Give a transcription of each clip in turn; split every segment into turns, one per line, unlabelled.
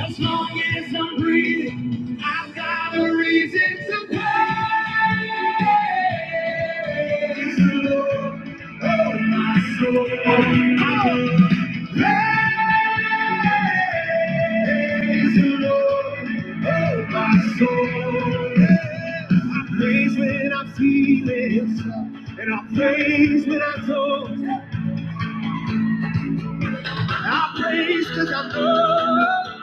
As long as I'm breathing, I've got a reason to praise the Lord. Oh, my soul. Oh, praise the Lord. Oh, my soul. I praise when I'm feeling, and I praise when I don't. I praise cause I know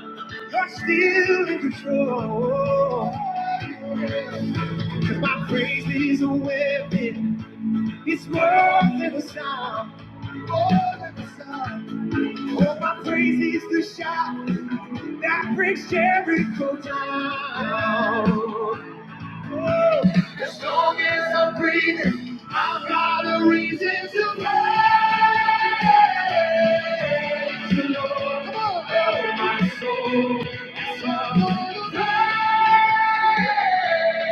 you're still in control. Cause my praise is a weapon. It's more than a sound. More than a sound. Oh, my praise is the shot that breaks Jericho down. As long as I'm breathing, I've got a reason to praise the Lord. Come on. Oh, my soul, yes, I'm gonna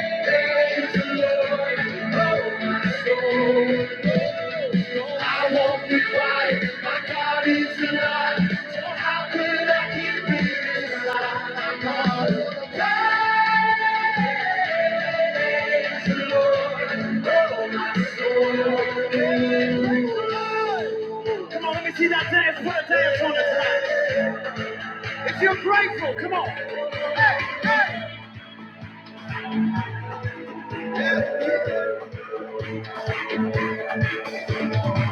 praise the Lord. Oh, my soul, I won't be quiet. My God is alive. So how could I keep it inside? I'm gonna praise Come on, let me see that dance. Put a dance on it tonight. If you're grateful, come on.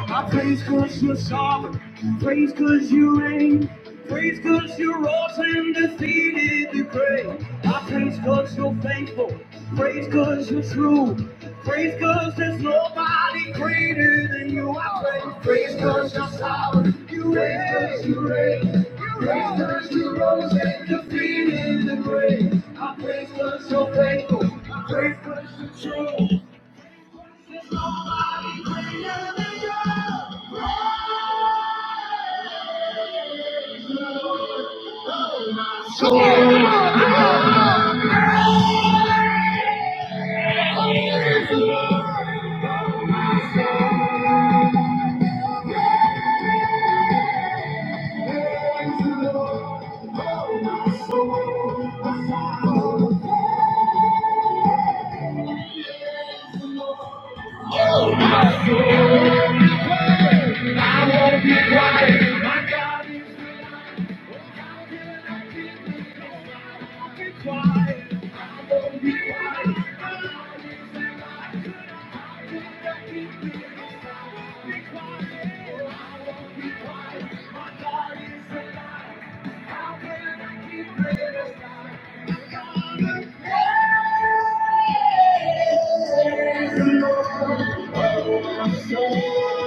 I praise cause you're sovereign, praise cause you reign, praise cause you rose and defeated the grave. I praise cause you're faithful, praise cause you're true, praise cause there's nobody greater than you. I praise, praise cause you're sovereign, you reign, praise 'cause you reign, praise cause you rose and defeated the grave. I praise cause you're faithful, I praise cause you're true. So, Lord, be quiet, my God is the Lord. Raise it up.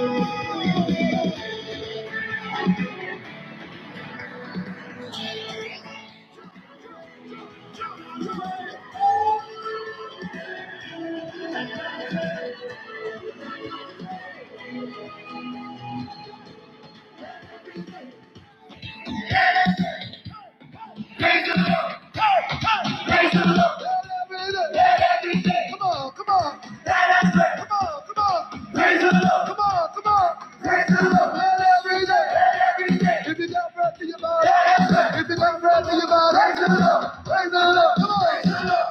Hey, hey. Raise it up. Let everything. Come on, come on. Let us pray. Come on, come on. Raise it up. Come on, come on. Raise it up. Let everything. If you got breath in your body. Let us pray. If you got breath in your body. Raise it up. Raise it up. Come on. Raise it up.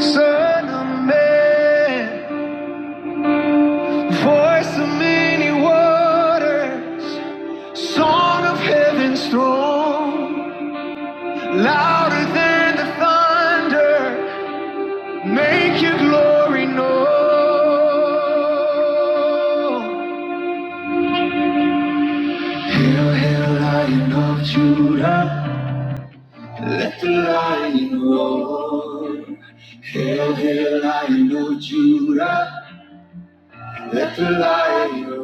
Son of man. Voice of many waters, song of heaven's throne, louder than the thunder, make your glory known. Hail, hail, Lion of Judah, let the lion roar. Hail, hail, Lion of Judah, let the lion roar.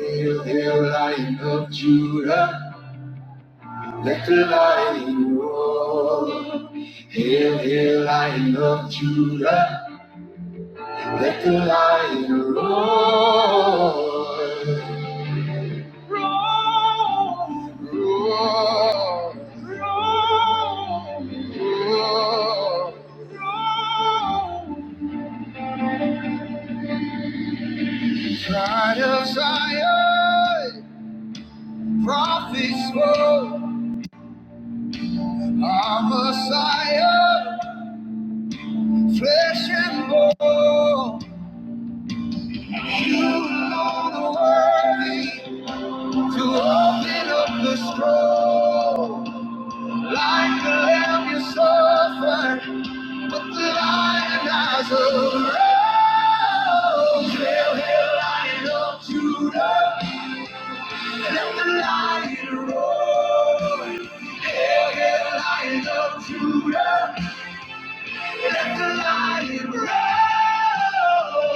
Hail, hail, Lion of Judah. Let the lion roar. Hail, hail, lion of Judah. Let the lion roar. Roar, roar. Pride of Zion. Prophets spoke. Our Messiah. Flesh and bone. Alone worthy to open up the scroll. Like the lamb you suffered, with the lion eyes arose. Hail, hail, lion of Judah, let the lion roar. Hail, hail, lion of Judah, let the lion roar.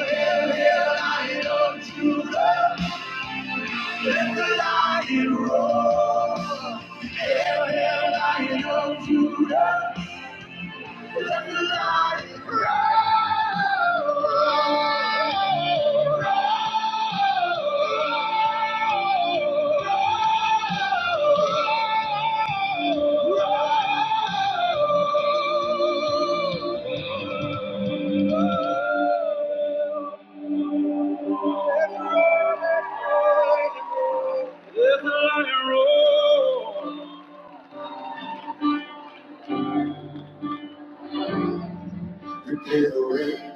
Hail, hail, lion of Judah, let the lion roar. Hail, hail, lion of Judah. Prepare the way,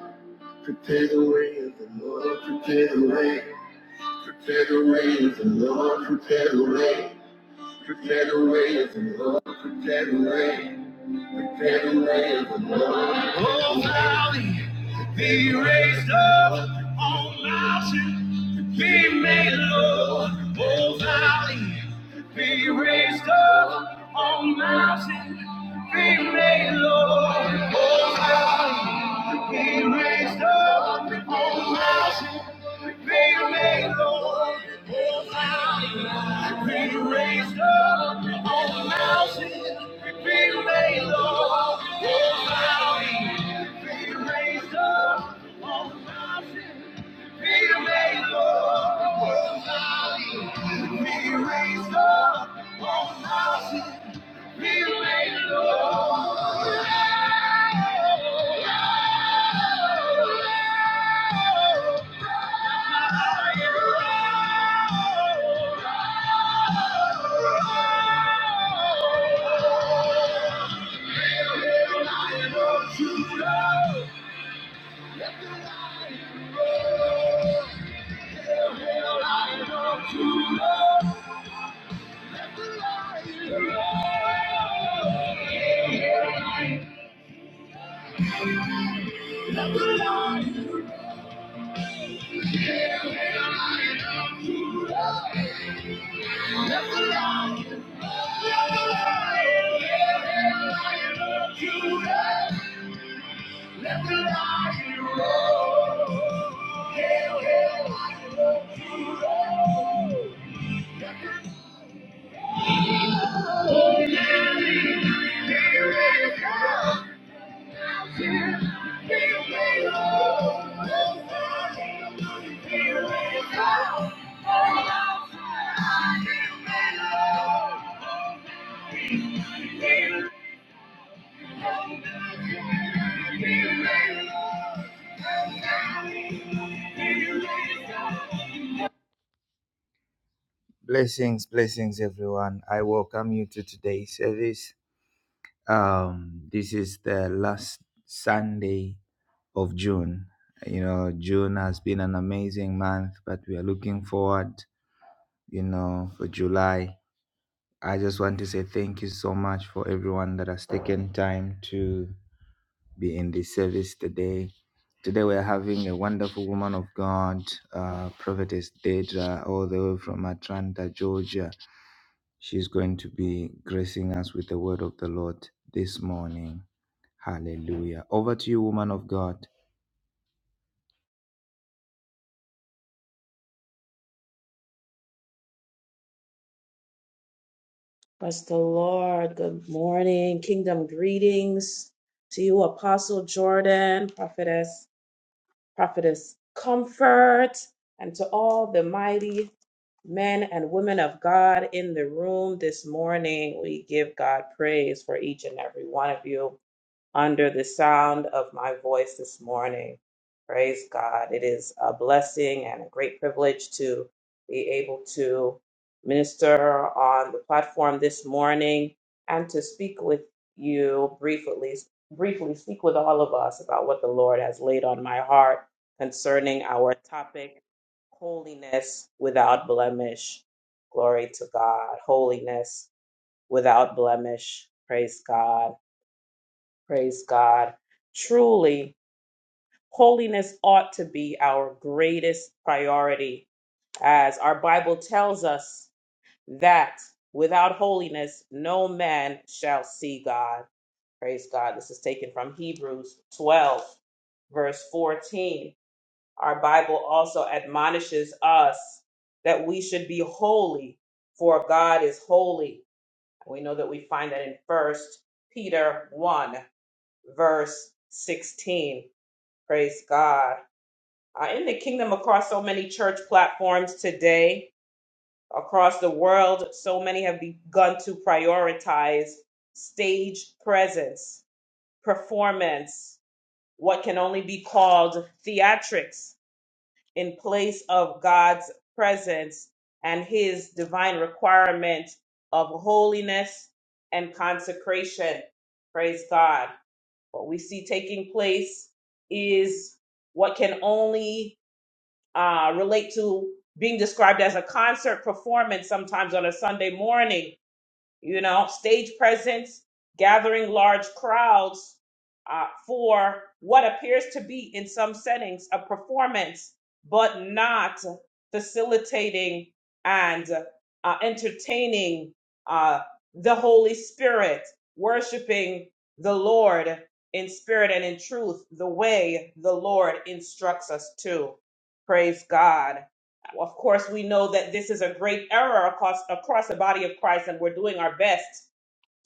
prepare the way of the Lord, prepare the way, prepare the way of the Lord, prepare the way, prepare the way of the Lord, prepare the way, prepare the way of Oh, valley, be raised up Oh mountain, be made low. Oh, valley, be raised up Oh mountain, be made low. Oh, valley. Be raised up, O mountain, be made low, O valley. Be raised up, O mountain, be made low, O valley. Be raised up, O mountain, be made low, O valley. Be raised up, O mountain, be made low. Oh, Let the lion roar. Thank you.
Bless the Lord. Good morning. Kingdom greetings to you, Apostle Jordan, Prophetess, Prophetess Comfort, and to all the mighty men and women of God in the room this morning. We give God praise for each and every one of you under the sound of my voice this morning. Praise God. It is a blessing and a great privilege to be able to minister on the platform this morning and to speak with you briefly, briefly speak with all of us about what the Lord has laid on my heart concerning our topic, holiness without blemish. Glory to God. Holiness without blemish. Praise God. Praise God. Truly, holiness ought to be our greatest priority, as our Bible tells us that without holiness, no man shall see God. Praise God. This is taken from Hebrews 12, verse 14. Our Bible also admonishes us that we should be holy, for God is holy. We know that we find that in First Peter 1, verse 16 Praise God. Uh, in the kingdom, across so many church platforms today, across the world, so many have begun to prioritize stage presence, performance, what can only be called theatrics in place of God's presence and his divine requirement of holiness and consecration. Praise God. What we see taking place is what can only uh, relate to being described as a concert performance sometimes on a Sunday morning you know, stage presence, gathering large crowds uh, for what appears to be, in some settings, a performance, but not facilitating and uh, entertaining uh, the Holy Spirit, worshiping the Lord in spirit and in truth, the way the Lord instructs us to. Praise God. Of course, we know that this is a great error across across the body of Christ, and we're doing our best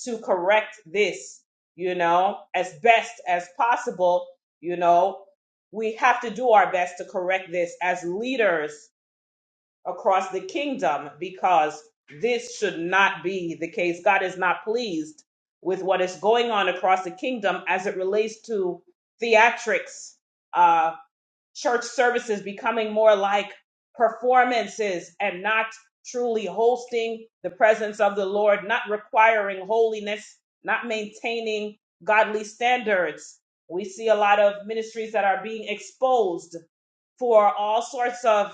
to correct this, you know, as best as possible, you know. We have to do our best to correct this as leaders across the kingdom because this should not be the case. God is not pleased with what is going on across the kingdom as it relates to theatrics uh, church services becoming more like performances and not truly hosting the presence of the Lord, not requiring holiness, not maintaining godly standards. We see a lot of ministries that are being exposed for all sorts of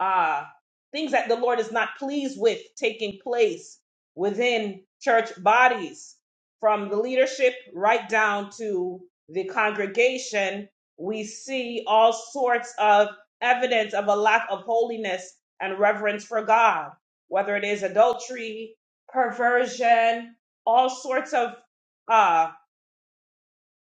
uh, things that the Lord is not pleased with taking place within church bodies, from the leadership right down to the congregation. We see all sorts of evidence of a lack of holiness and reverence for God, whether it is adultery, perversion, all sorts of uh,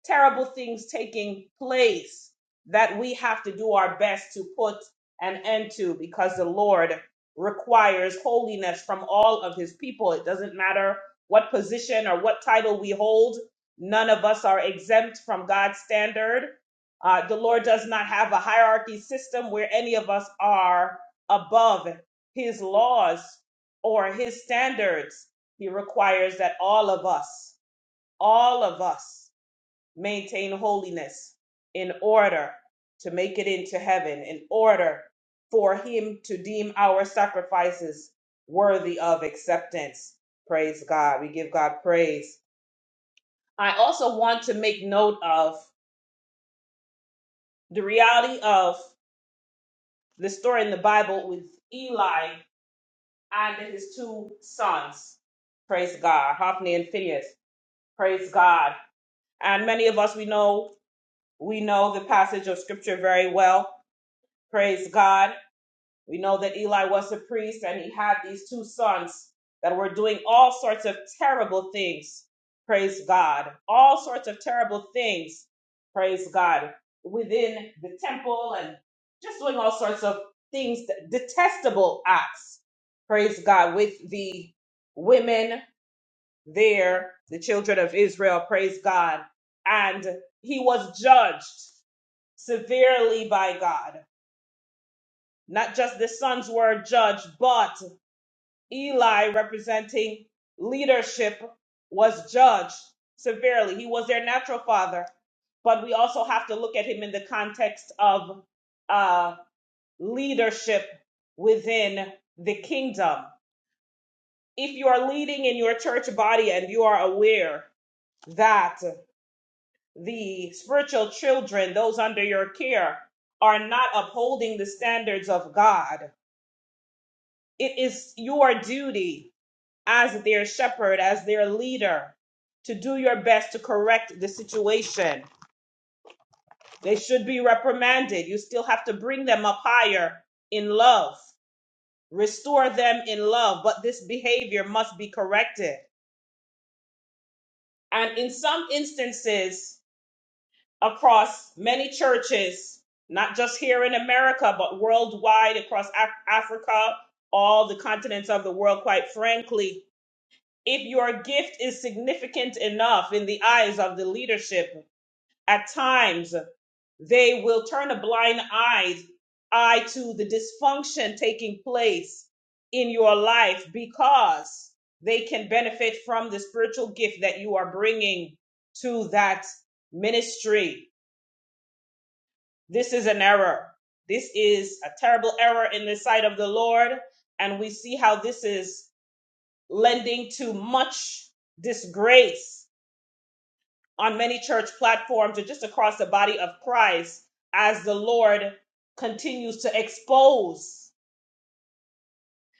terrible things taking place that we have to do our best to put an end to because the Lord requires holiness from all of his people. It doesn't matter what position or what title we hold, none of us are exempt from God's standard. Uh, the Lord does not have a hierarchy system where any of us are above his laws or his standards. He requires that all of us, all of us, maintain holiness in order to make it into heaven, in order for him to deem our sacrifices worthy of acceptance. Praise God. We give God praise. I also want to make note of the reality of the story in the Bible with Eli and his two sons. Praise God. Hophni and Phineas. Praise God. And many of us, we know, we know the passage of scripture very well. Praise God We know that Eli was a priest and he had these two sons that were doing all sorts of terrible things. Praise God. All sorts of terrible things. Praise God. Within the temple and just doing all sorts of things, detestable acts. Praise God. With the women there, the children of Israel. Praise God. And he was judged severely by God. Not just the sons were judged, but Eli, representing leadership, was judged severely. He was their natural father, but we also have to look at him in the context of uh, leadership within the kingdom. If you are leading in your church body and you are aware that the spiritual children, those under your care, are not upholding the standards of God, it is your duty as their shepherd, as their leader, to do your best to correct the situation. They should be reprimanded. You still have to bring them up higher in love, restore them in love, but this behavior must be corrected. And in some instances, across many churches, not just here in America, but worldwide, across Af- Africa, all the continents of the world, quite frankly, if your gift is significant enough in the eyes of the leadership, at times they will turn a blind eye, eye to the dysfunction taking place in your life because they can benefit from the spiritual gift that you are bringing to that ministry. This is an error. This is a terrible error in the sight of the Lord. And we see how this is lending to much disgrace on many church platforms or just across the body of Christ as the Lord continues to expose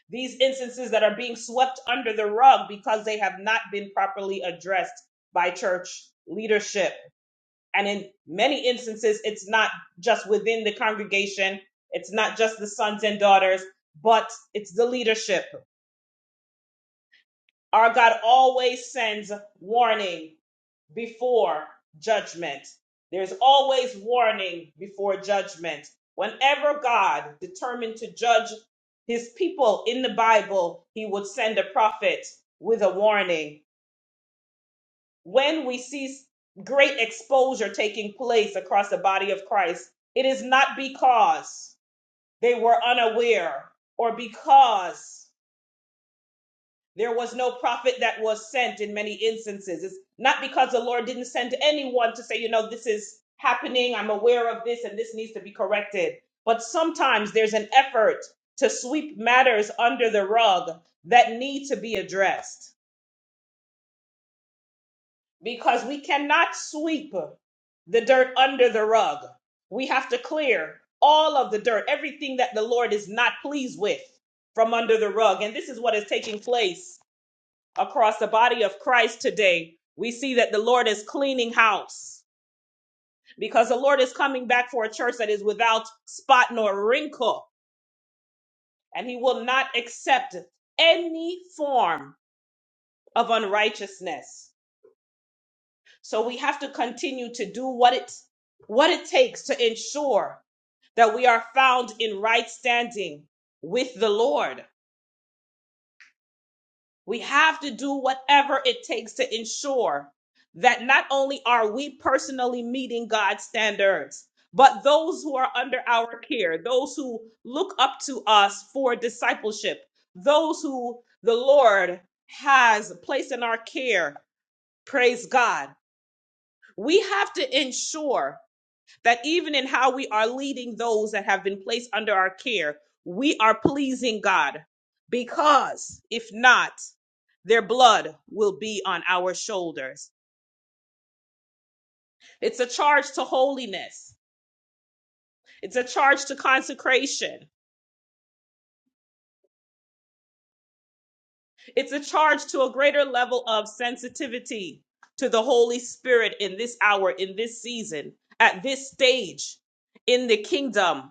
these instances that are being swept under the rug because they have not been properly addressed by church leadership. And in many instances, it's not just within the congregation, it's not just the sons and daughters, but it's the leadership. Our God always sends warning before judgment. There's always warning before judgment. Whenever God determined to judge his people in the Bible, he would send a prophet with a warning. When we see great exposure taking place across the body of Christ, it is not because they were unaware or because There was no prophet that was sent in many instances. It's not because the Lord didn't send anyone to say, you know, this is happening, I'm aware of this, and this needs to be corrected. But sometimes there's an effort to sweep matters under the rug that need to be addressed because we cannot sweep the dirt under the rug. We have to clear all of the dirt, everything that the Lord is not pleased with from under the rug. And this is what is taking place across the body of Christ today, we see that the Lord is cleaning house because the Lord is coming back for a church that is without spot nor wrinkle, and He will not accept any form of unrighteousness. So we have to continue to do what it what it takes to ensure that we are found in right standing with the Lord. We have to do whatever it takes to ensure that not only are we personally meeting God's standards, but those who are under our care, those who look up to us for discipleship, those who the Lord has placed in our care, praise God. We have to ensure that even in how we are leading those that have been placed under our care, we are pleasing God. Because if not, their blood will be on our shoulders. It's a charge to holiness. It's a charge to consecration. It's a charge to a greater level of sensitivity to the Holy Spirit in this hour, in this season, at this stage in the kingdom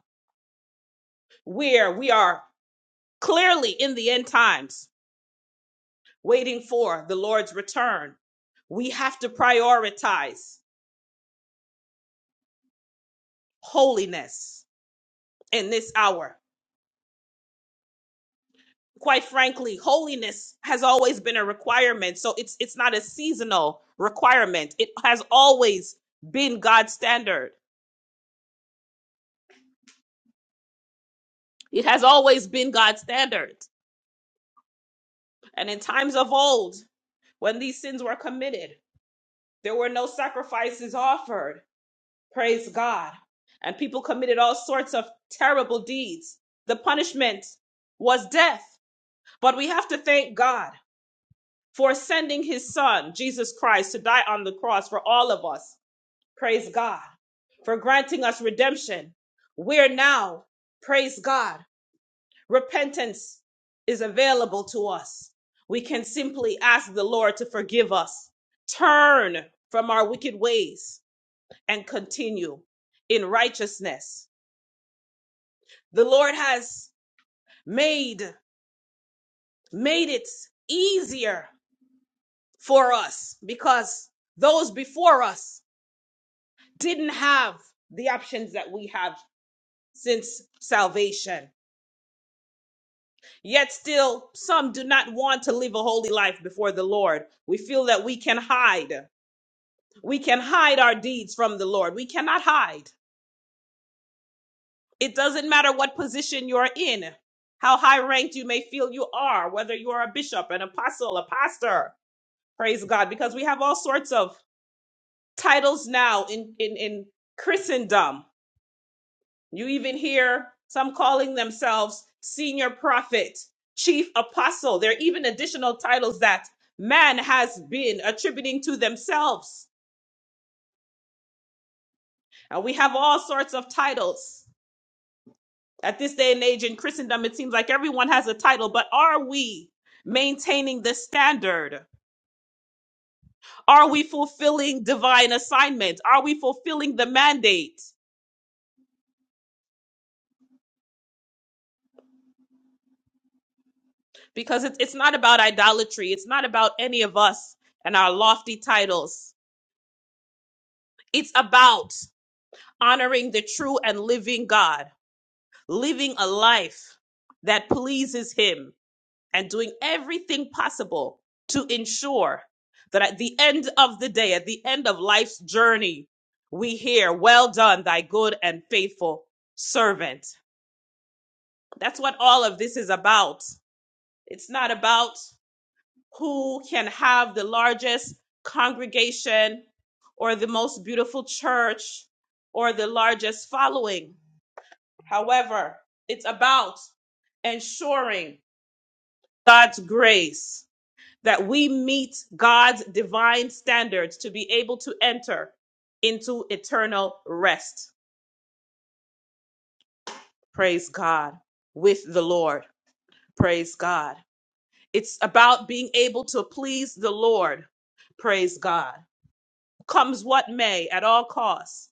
where we are clearly in the end times waiting for the Lord's return. We have to prioritize holiness in this hour. Quite frankly, holiness has always been a requirement. So it's it's not a seasonal requirement. It has always been God's standard. It has always been God's standard. And in times of old, when these sins were committed, there were no sacrifices offered Praise God. And people committed all sorts of terrible deeds. The punishment was death. But we have to thank God for sending his son, Jesus Christ, to die on the cross for all of us. Praise God. For granting us redemption. We're now, praise God, repentance is available to us. We can simply ask the Lord to forgive us, turn from our wicked ways, and continue in righteousness The Lord has made made it easier for us because those before us didn't have the options that we have since salvation. Yet still some do not want to live a holy life before the Lord. We feel that we can hide. We can hide our deeds from the Lord. We cannot hide. It doesn't matter what position you're in, how high ranked you may feel you are, whether you are a bishop, an apostle, a pastor. Praise God, because we have all sorts of titles now in, in, in Christendom. You even hear some calling themselves senior prophet, chief apostle. There are even additional titles that man has been attributing to themselves. And we have all sorts of titles. At this day and age in Christendom, it seems like everyone has a title, but are we maintaining the standard? Are we fulfilling divine assignment? Are we fulfilling the mandate? because it's it's not about idolatry. It's not about any of us and our lofty titles. It's about honoring the true and living God, living a life that pleases Him, and doing everything possible to ensure that at the end of the day, at the end of life's journey, we hear, Well done, thy good and faithful servant. That's what all of this is about. It's not about who can have the largest congregation or the most beautiful church or the largest following. However, it's about ensuring God's grace that we meet God's divine standards to be able to enter into eternal rest. Praise God with the Lord. Praise God. It's about being able to please the Lord. Praise God. comes what may at all costs.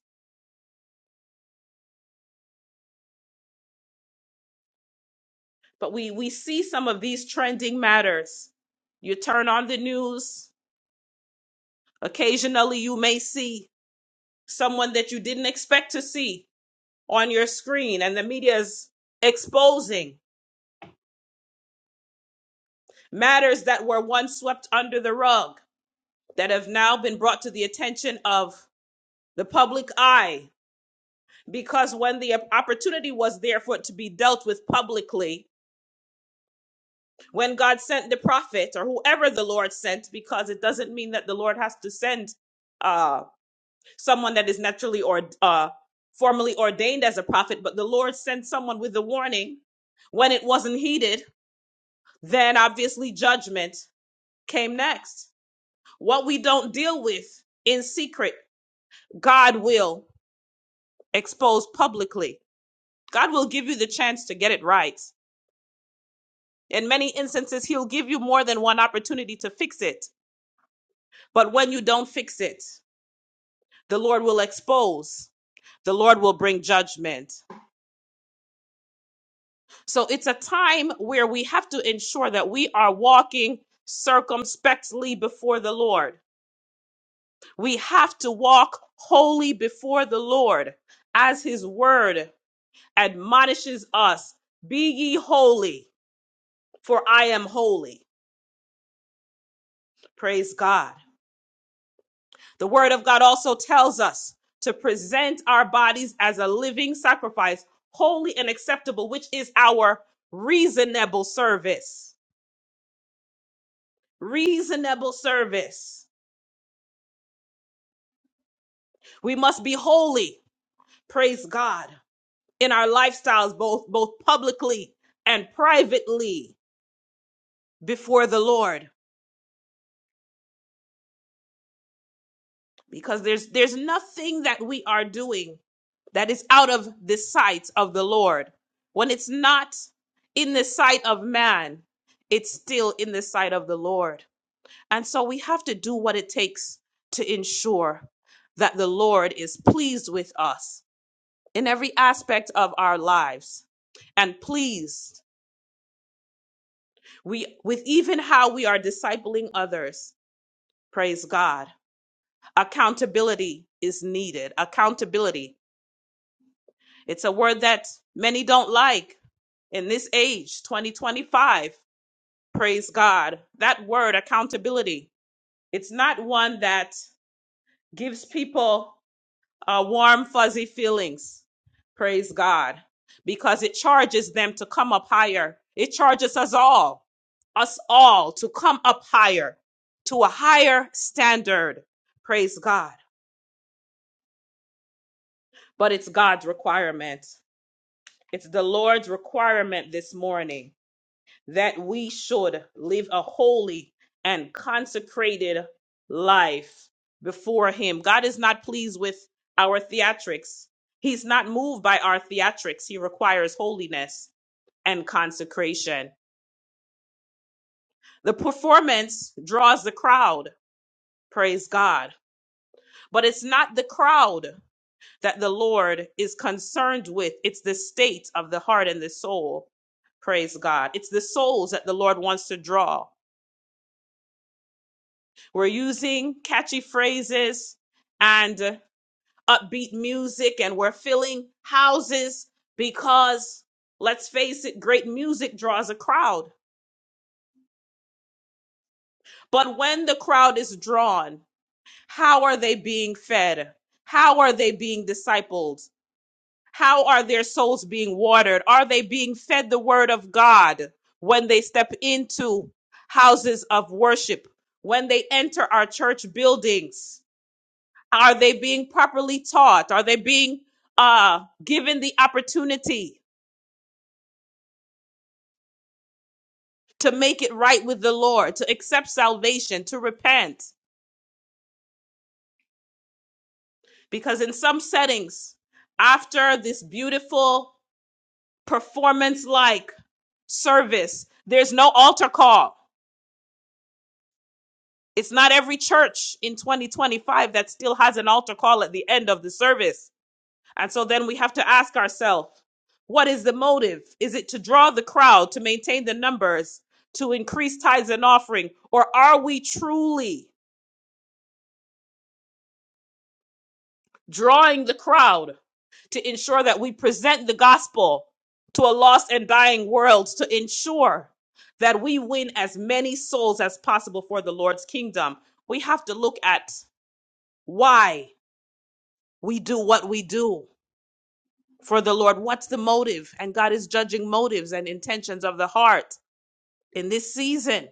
But we, we see some of these trending matters. You turn on the news, occasionally you may see someone that you didn't expect to see on your screen, and the media is exposing matters that were once swept under the rug that have now been brought to the attention of the public eye. Because when the opportunity was there for it to be dealt with publicly, when God sent the prophet or whoever the Lord sent, because it doesn't mean that the Lord has to send uh, someone that is naturally or uh, formally ordained as a prophet, but the Lord sent someone with a warning. When it wasn't heeded, then obviously judgment came next. What we don't deal with in secret, God will expose publicly. God will give you the chance to get it right. In many instances, He'll give you more than one opportunity to fix it. But when you don't fix it, The Lord will expose. The Lord will bring judgment. So it's a time where we have to ensure that we are walking circumspectly before the Lord. We have to walk holy before the Lord as his word admonishes us. Be ye holy, for I am holy. Praise God. The word of God also tells us to present our bodies as a living sacrifice, holy and acceptable, which is our reasonable service. Reasonable service. We must be holy, praise God, in our lifestyles, both, both publicly and privately before the Lord. because there's there's nothing that we are doing that is out of the sight of the Lord. When it's not in the sight of man, it's still in the sight of the Lord. And so we have to do what it takes to ensure that the Lord is pleased with us in every aspect of our lives and pleased we with even how we are discipling others. Praise God. Accountability is needed. Accountability It's a word that many don't like in this age, 2025. Praise God. That word, accountability, it's not one that gives people uh, warm, fuzzy feelings. Praise God. Because it charges them to come up higher. It charges us all, us all to come up higher, to a higher standard. Praise God. But it's God's requirement. It's the Lord's requirement this morning that we should live a holy and consecrated life before Him. God is not pleased with our theatrics. He's not moved by our theatrics. He requires holiness and consecration. The performance draws the crowd, praise God. But it's not the crowd that the Lord is concerned with, it's the state of the heart and the soul, praise God. It's the souls that the Lord wants to draw We're using catchy phrases and uh, upbeat music, and we're filling houses because, let's face it, great music draws a crowd. But when the crowd is drawn, how are they being fed? How are they being discipled? How are their souls being watered? Are they being fed the word of God when they step into houses of worship, when they enter our church buildings? Are they being properly taught? Are they being uh, given the opportunity to make it right with the Lord, to accept salvation, to repent? Because in some settings, after this beautiful performance like service, there's no altar call. It's not every church in 2025 that still has an altar call at the end of the service And so then we have to ask ourselves, what is the motive? Is it to draw the crowd, to maintain the numbers, to increase tithes and offering? Or are we truly drawing the crowd to ensure that we present the gospel to a lost and dying world to ensure that we win as many souls as possible for the Lord's kingdom? We have to look at why we do what we do for the Lord. What's the motive? And God is judging motives and intentions of the heart. in this season.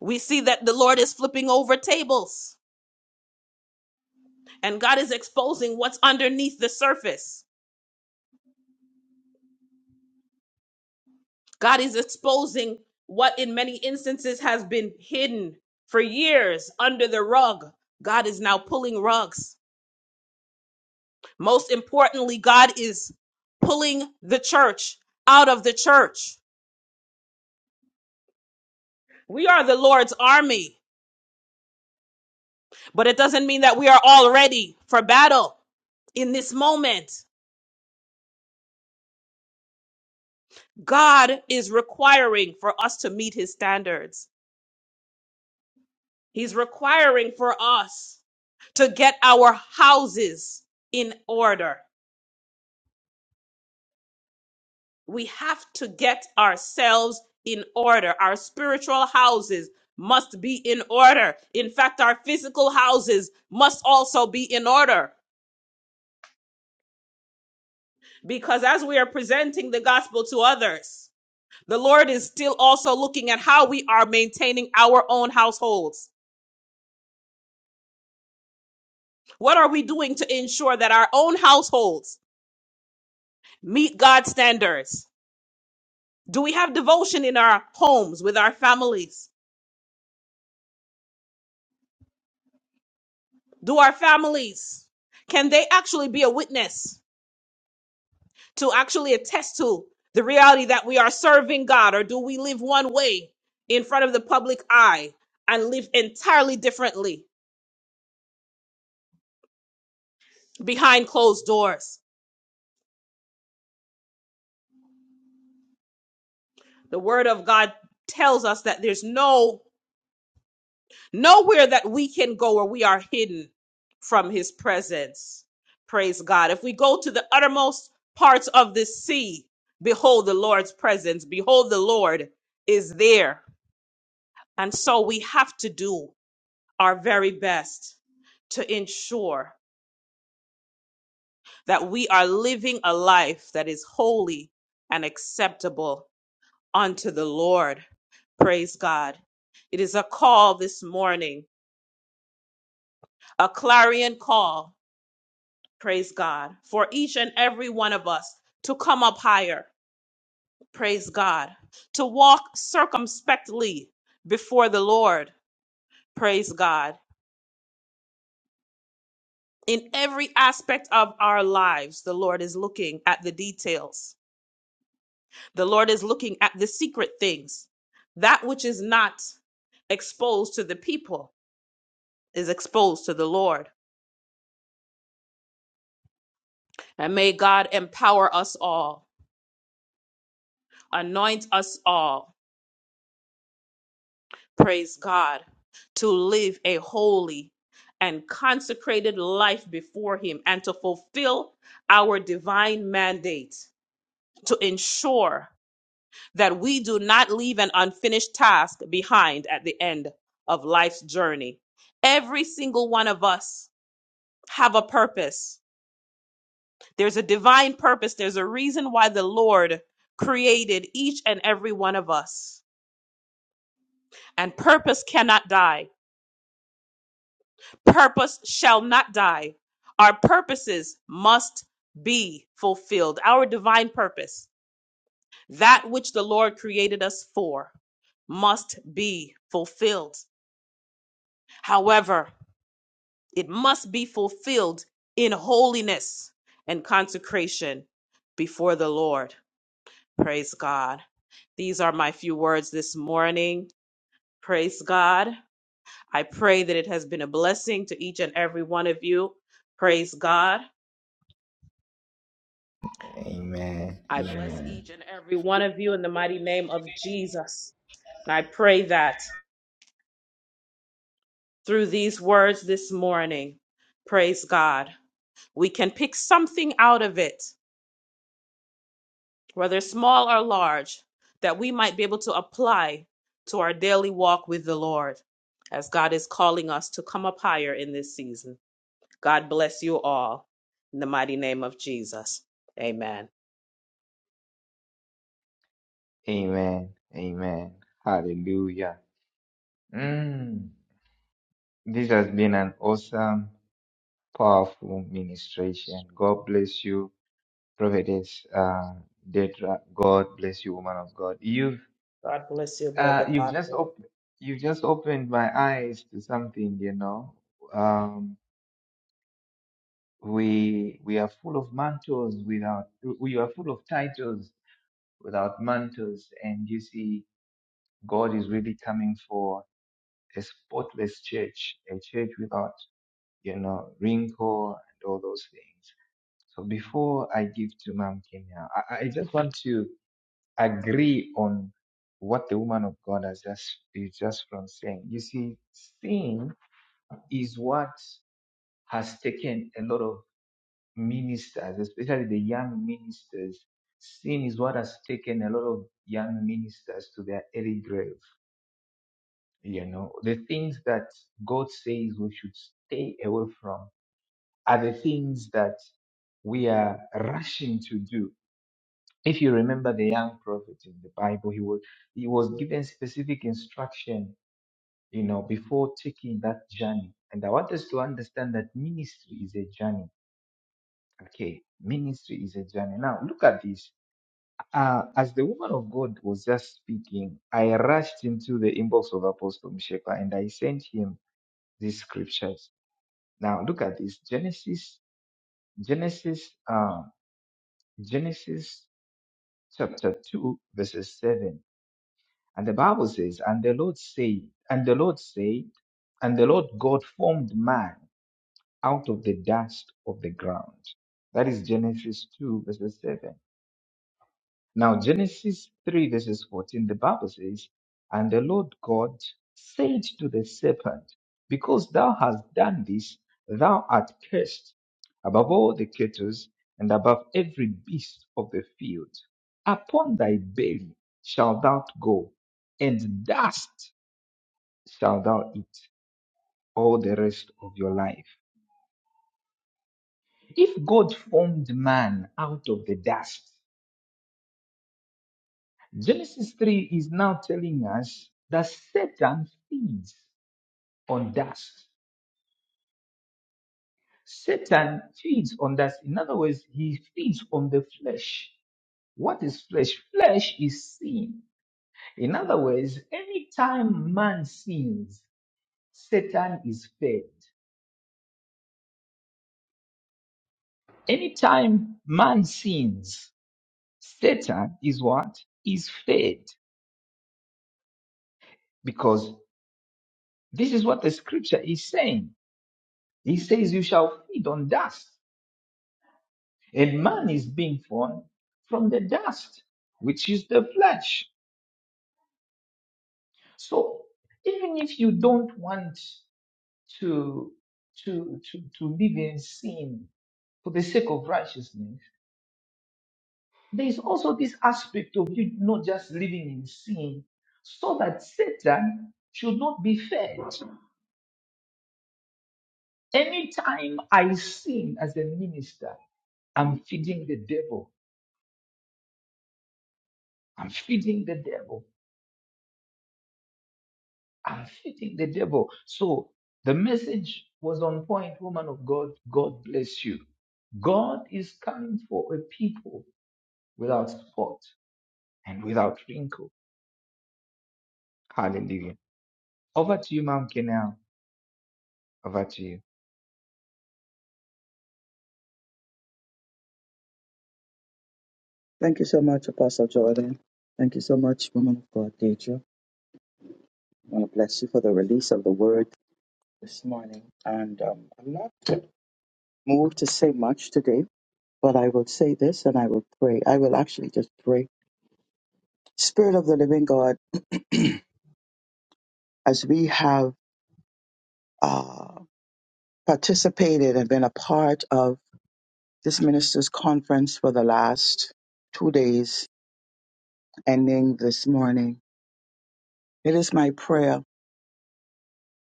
We see that the Lord is flipping over tables and God is exposing what's underneath the surface. God is exposing what, in many instances, has been hidden for years under the rug. God is now pulling rugs. Most importantly, God is pulling the church out of the church. We are the Lord's army, but it doesn't mean that we are all ready for battle in this moment. God is requiring for us to meet his standards. He's requiring for us to get our houses in order. We have to get ourselves in order. Our spiritual houses must be in order. In fact, our physical houses must also be in order because as we are presenting the gospel to others, the Lord is still also looking at how we are maintaining our own households What are we doing to ensure that our own households meet God's standards? Do we have devotion in our homes with our families? Do our families, can they actually be a witness to actually attest to the reality that we are serving God? Or do we live one way in front of the public eye and live entirely differently behind closed doors? The word of God tells us that there's no nowhere that we can go where we are hidden from his presence. Praise God. If we go to the uttermost parts of the sea, behold the Lord's presence. Behold, the Lord is there. And so we have to do our very best to ensure that we are living a life that is holy and acceptable unto the Lord. Praise God. It is a call this morning, a clarion call Praise God. For each and every one of us to come up higher. Praise God. To walk circumspectly before the Lord. Praise God. In every aspect of our lives, the Lord is looking at the details. The Lord is looking at the secret things. That which is not exposed to the people is exposed to the Lord. And may God empower us all, anoint us all. praise God, to live a holy and consecrated life before Him and to fulfill our divine mandate to ensure that we do not leave an unfinished task behind at the end of life's journey. Every single one of us have a purpose. There's a divine purpose. There's a reason why the Lord created each and every one of us. And purpose cannot die. purpose shall not die. Our purposes must be fulfilled. Our divine purpose, that which the Lord created us for, must be fulfilled. However, it must be fulfilled in holiness and consecration before the Lord. Praise God. These are my few words this morning. Praise God. I pray that it has been a blessing to each and every one of you. Praise God. I bless each and every one of you in the mighty name of Jesus. And I pray that through these words this morning, praise God, we can pick something out of it, whether small or large, that we might be able to apply to our daily walk with the Lord as God is calling us to come up higher in this season. God bless you all in the mighty name of Jesus. Amen. God bless you, beloved apostle.
Thank you so much, Apostle Jordan. Thank you so much, woman of God, Deidre. I want to bless you for the release of the word this morning. And um, I'm not moved to say much today, but I will say this and I will pray. I will actually just pray. Spirit of the living God, as we have uh, participated and been a part of this minister's conference for the last two days, ending this morning, it is my prayer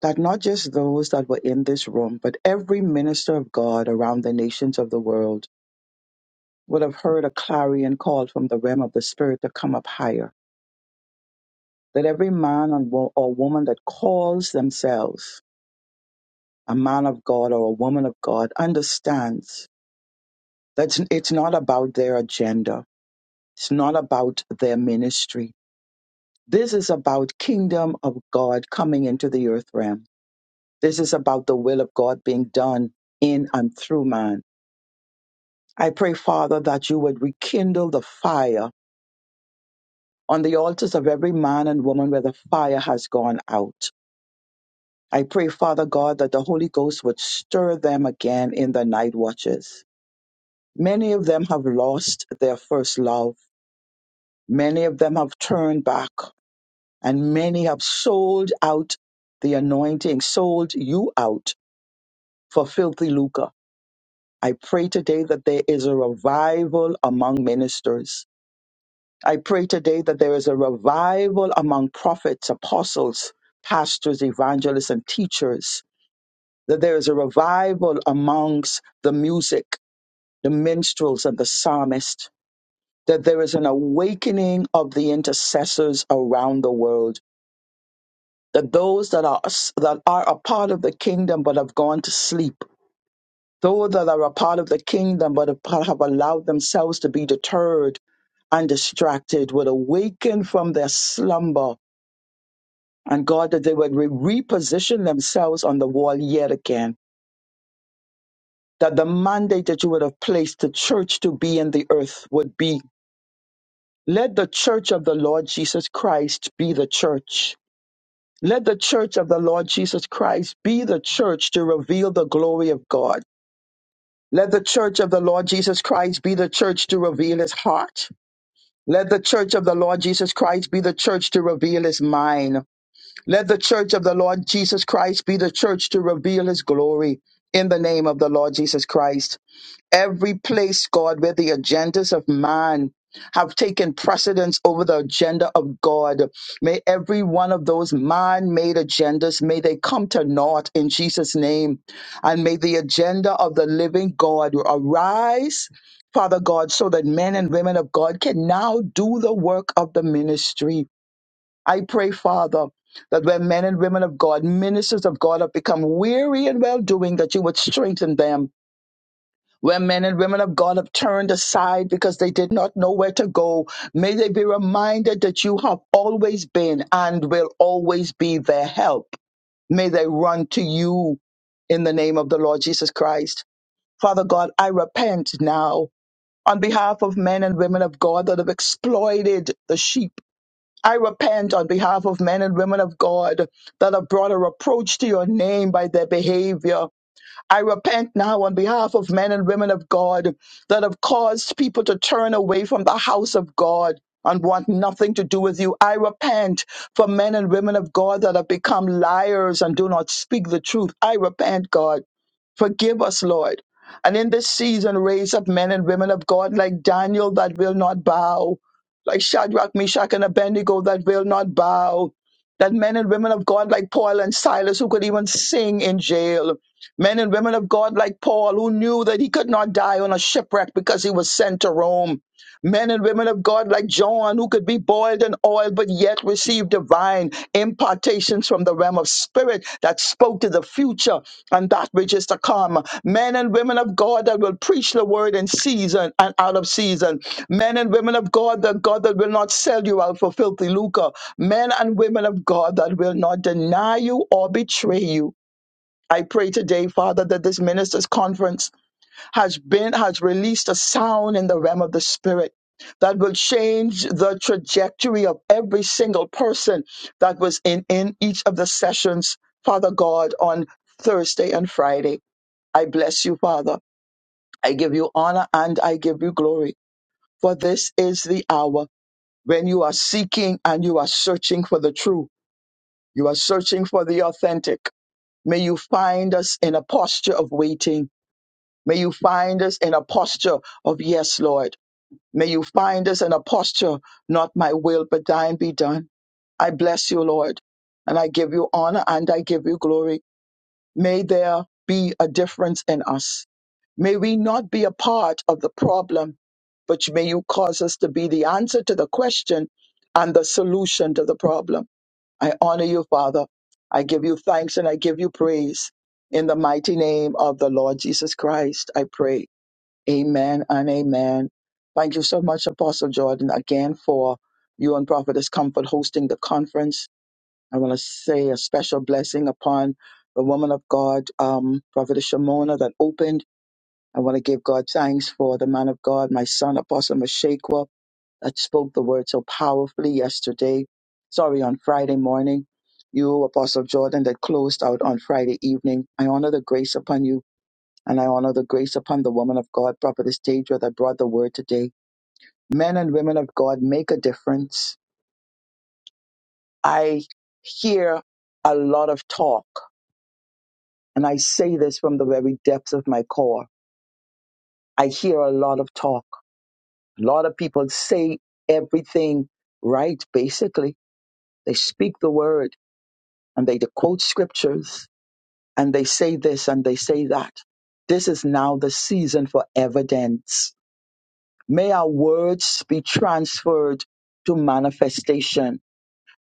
that not just those that were in this room, but every minister of God around the nations of the world would have heard a clarion call from the realm of the Spirit to come up higher. That every man and wo- or woman that calls themselves a man of God or a woman of God understands that it's not about their agenda, it's not about their ministry. This is about kingdom of God coming into the earth realm. This is about the will of God being done in and through man. I pray, Father, that you would rekindle the fire on the altars of every man and woman where the fire has gone out. I pray, Father God, that the Holy Ghost would stir them again in the night watches. Many of them have lost their first love. Many of them have turned back, and many have sold out the anointing, sold you out for filthy lucre. I pray today that there is a revival among ministers I pray today that there is a revival among prophets, apostles, pastors, evangelists, and teachers, that there is a revival amongst the music, the minstrels, and the psalmist, that there is an awakening of the intercessors around the world, that those that are, that are a part of the kingdom but have gone to sleep, those that are a part of the kingdom but have have allowed themselves to be deterred and distracted would awaken from their slumber And God, that they would re- reposition themselves on the wall yet again. That the mandate that you would have placed the church to be in the earth would be let the church of the Lord Jesus Christ be the church. Let the church of the Lord Jesus Christ be the church to reveal the glory of God. Let the church of the Lord Jesus Christ be the church to reveal his heart. Let the church of the Lord Jesus Christ be the church to reveal his mind. Let the church of the Lord Jesus Christ be the church to reveal his glory in the name of the Lord Jesus Christ. Every place, God, where the agendas of man have taken precedence over the agenda of God, may every one of those man-made agendas, may they come to naught in Jesus' name. And may the agenda of the living God arise, Father God, so that men and women of God can now do the work of the ministry. I pray, Father, that when men and women of God, ministers of God, have become weary in well doing, that you would strengthen them. Where men and women of God have turned aside because they did not know where to go, may they be reminded that you have always been and will always be their help. May they run to you in the name of the Lord Jesus Christ. Father God, I repent now on behalf of men and women of God that have exploited the sheep I repent on behalf of men and women of God that have brought a reproach to your name by their behavior. I repent now on behalf of men and women of God that have caused people to turn away from the house of God and want nothing to do with you. I repent for men and women of God that have become liars and do not speak the truth. I repent, God. Forgive us, Lord. And in this season, raise up men and women of God like Daniel that will not bow, like Shadrach, Meshach, and Abednego that will not bow, that men and women of God like Paul and Silas who could even sing in jail, men and women of God like Paul who knew that he could not die on a shipwreck because he was sent to Rome men and women of God like John, who could be boiled in oil but yet receive divine impartations from the realm of spirit that spoke to the future and that which is to come. Men and women of God that will preach the word in season and out of season. Men and women of God, the God that will not sell you out for filthy lucre. Men and women of God that will not deny you or betray you. I pray today, Father, that this ministers' conference has been has released a sound in the realm of the spirit that will change the trajectory of every single person that was in in each of the sessions father god on thursday and friday i bless you father i give you honor and i give you glory for this is the hour when you are seeking and you are searching for the true you are searching for the authentic may you find us in a posture of waiting may you find us in a posture of yes lord May you find us in a posture, not my will, but thine be done. I bless you, Lord, and I give you honor and I give you glory. May there be a difference in us. May we not be a part of the problem, but may you cause us to be the answer to the question and the solution to the problem. I honor you, Father. I give you thanks and I give you praise. In the mighty name of the Lord Jesus Christ, I pray. Amen and amen. Thank you so much, Apostle Jordan, again for you and Prophetess Comfort hosting the conference. I want to say a special blessing upon the woman of God, um, Prophetess Shimona, that opened. I want to give God thanks for the man of God, my son, Apostle Meshekwa, that spoke the word so powerfully yesterday. Sorry, on Friday morning. You, Apostle Jordan, that closed out on Friday evening. I honor the grace upon you and I honor the grace upon the woman of God, Prophetess Deidre, that brought the word today. Men and women of God make a difference. I hear a lot of talk, and I say this from the very depths of my core. I hear a lot of talk. A lot of people say everything right, basically. They speak the word and they quote scriptures and they say this and they say that. This is now the season for evidence May our words be transferred to manifestation.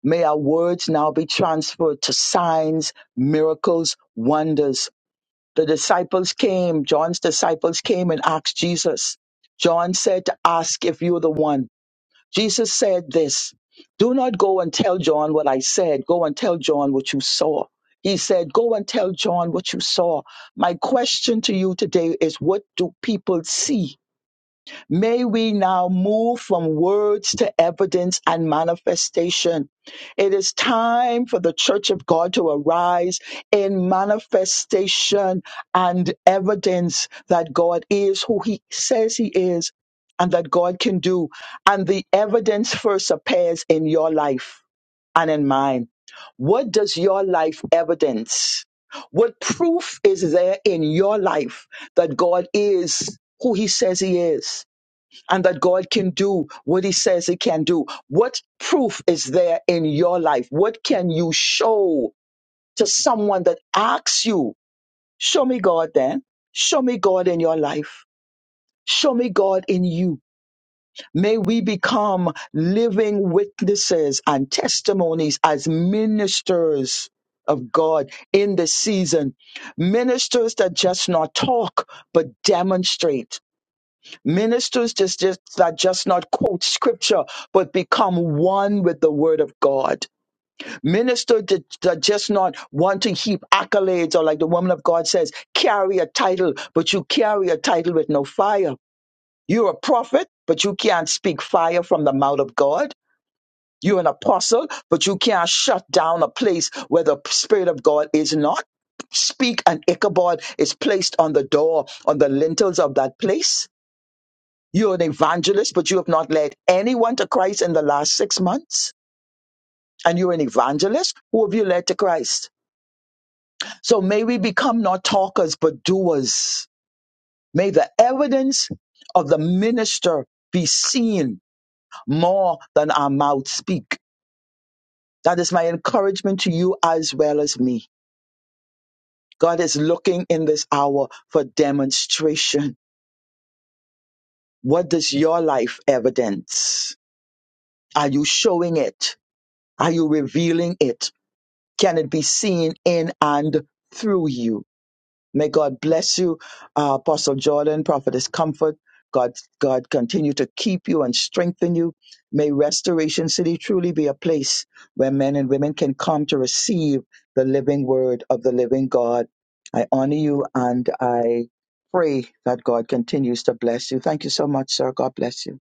May our words now be transferred to signs, miracles, wonders. The disciples came, John's disciples came and asked Jesus. John said to ask if you're the one. Jesus said this Do not go and tell John what I said. Go and tell John what you saw. He said, Go and tell John what you saw. My question to you today is what do people see? May we now move from words to evidence and manifestation. It is time for the church of God to arise in manifestation and evidence that God is who he says he is and that God can do. And the evidence first appears in your life and in mine. What does your life evidence? What proof is there in your life that God is who he says he is? and that God can do what he says he can do. What proof is there in your life? What can you show to someone that asks you, show me God then? Show me God in your life. Show me God in you. May we become living witnesses and testimonies as ministers of God in this season. Ministers that just not talk, but demonstrate Ministers just, just that just not quote scripture, but become one with the word of God. Minister that, that just not want to heap accolades or like the woman of God says, carry a title, but you carry a title with no fire. You're a prophet, but you can't speak fire from the mouth of God. You're an apostle, but you can't shut down a place where the Spirit of God is not. Speak and Ichabod is placed on the door, on the lintels of that place you're an evangelist, but you have not led anyone to Christ in the last six months. And you're an evangelist. Who have you led to Christ? So may we become not talkers, but doers. May the evidence of the minister be seen more than our mouth speak. That is my encouragement to you as well as me. God is looking in this hour for demonstration. What does your life evidence? Are you showing it? Are you revealing it? can it be seen in and through you. May God bless you, uh, Apostle Jordan, Prophetess Comfort. God, God continue to keep you and strengthen you. May Restoration City truly be a place where men and women can come to receive the living word of the living God. I honor you and I pray that God continues to bless you. Thank you so much, sir. God bless you.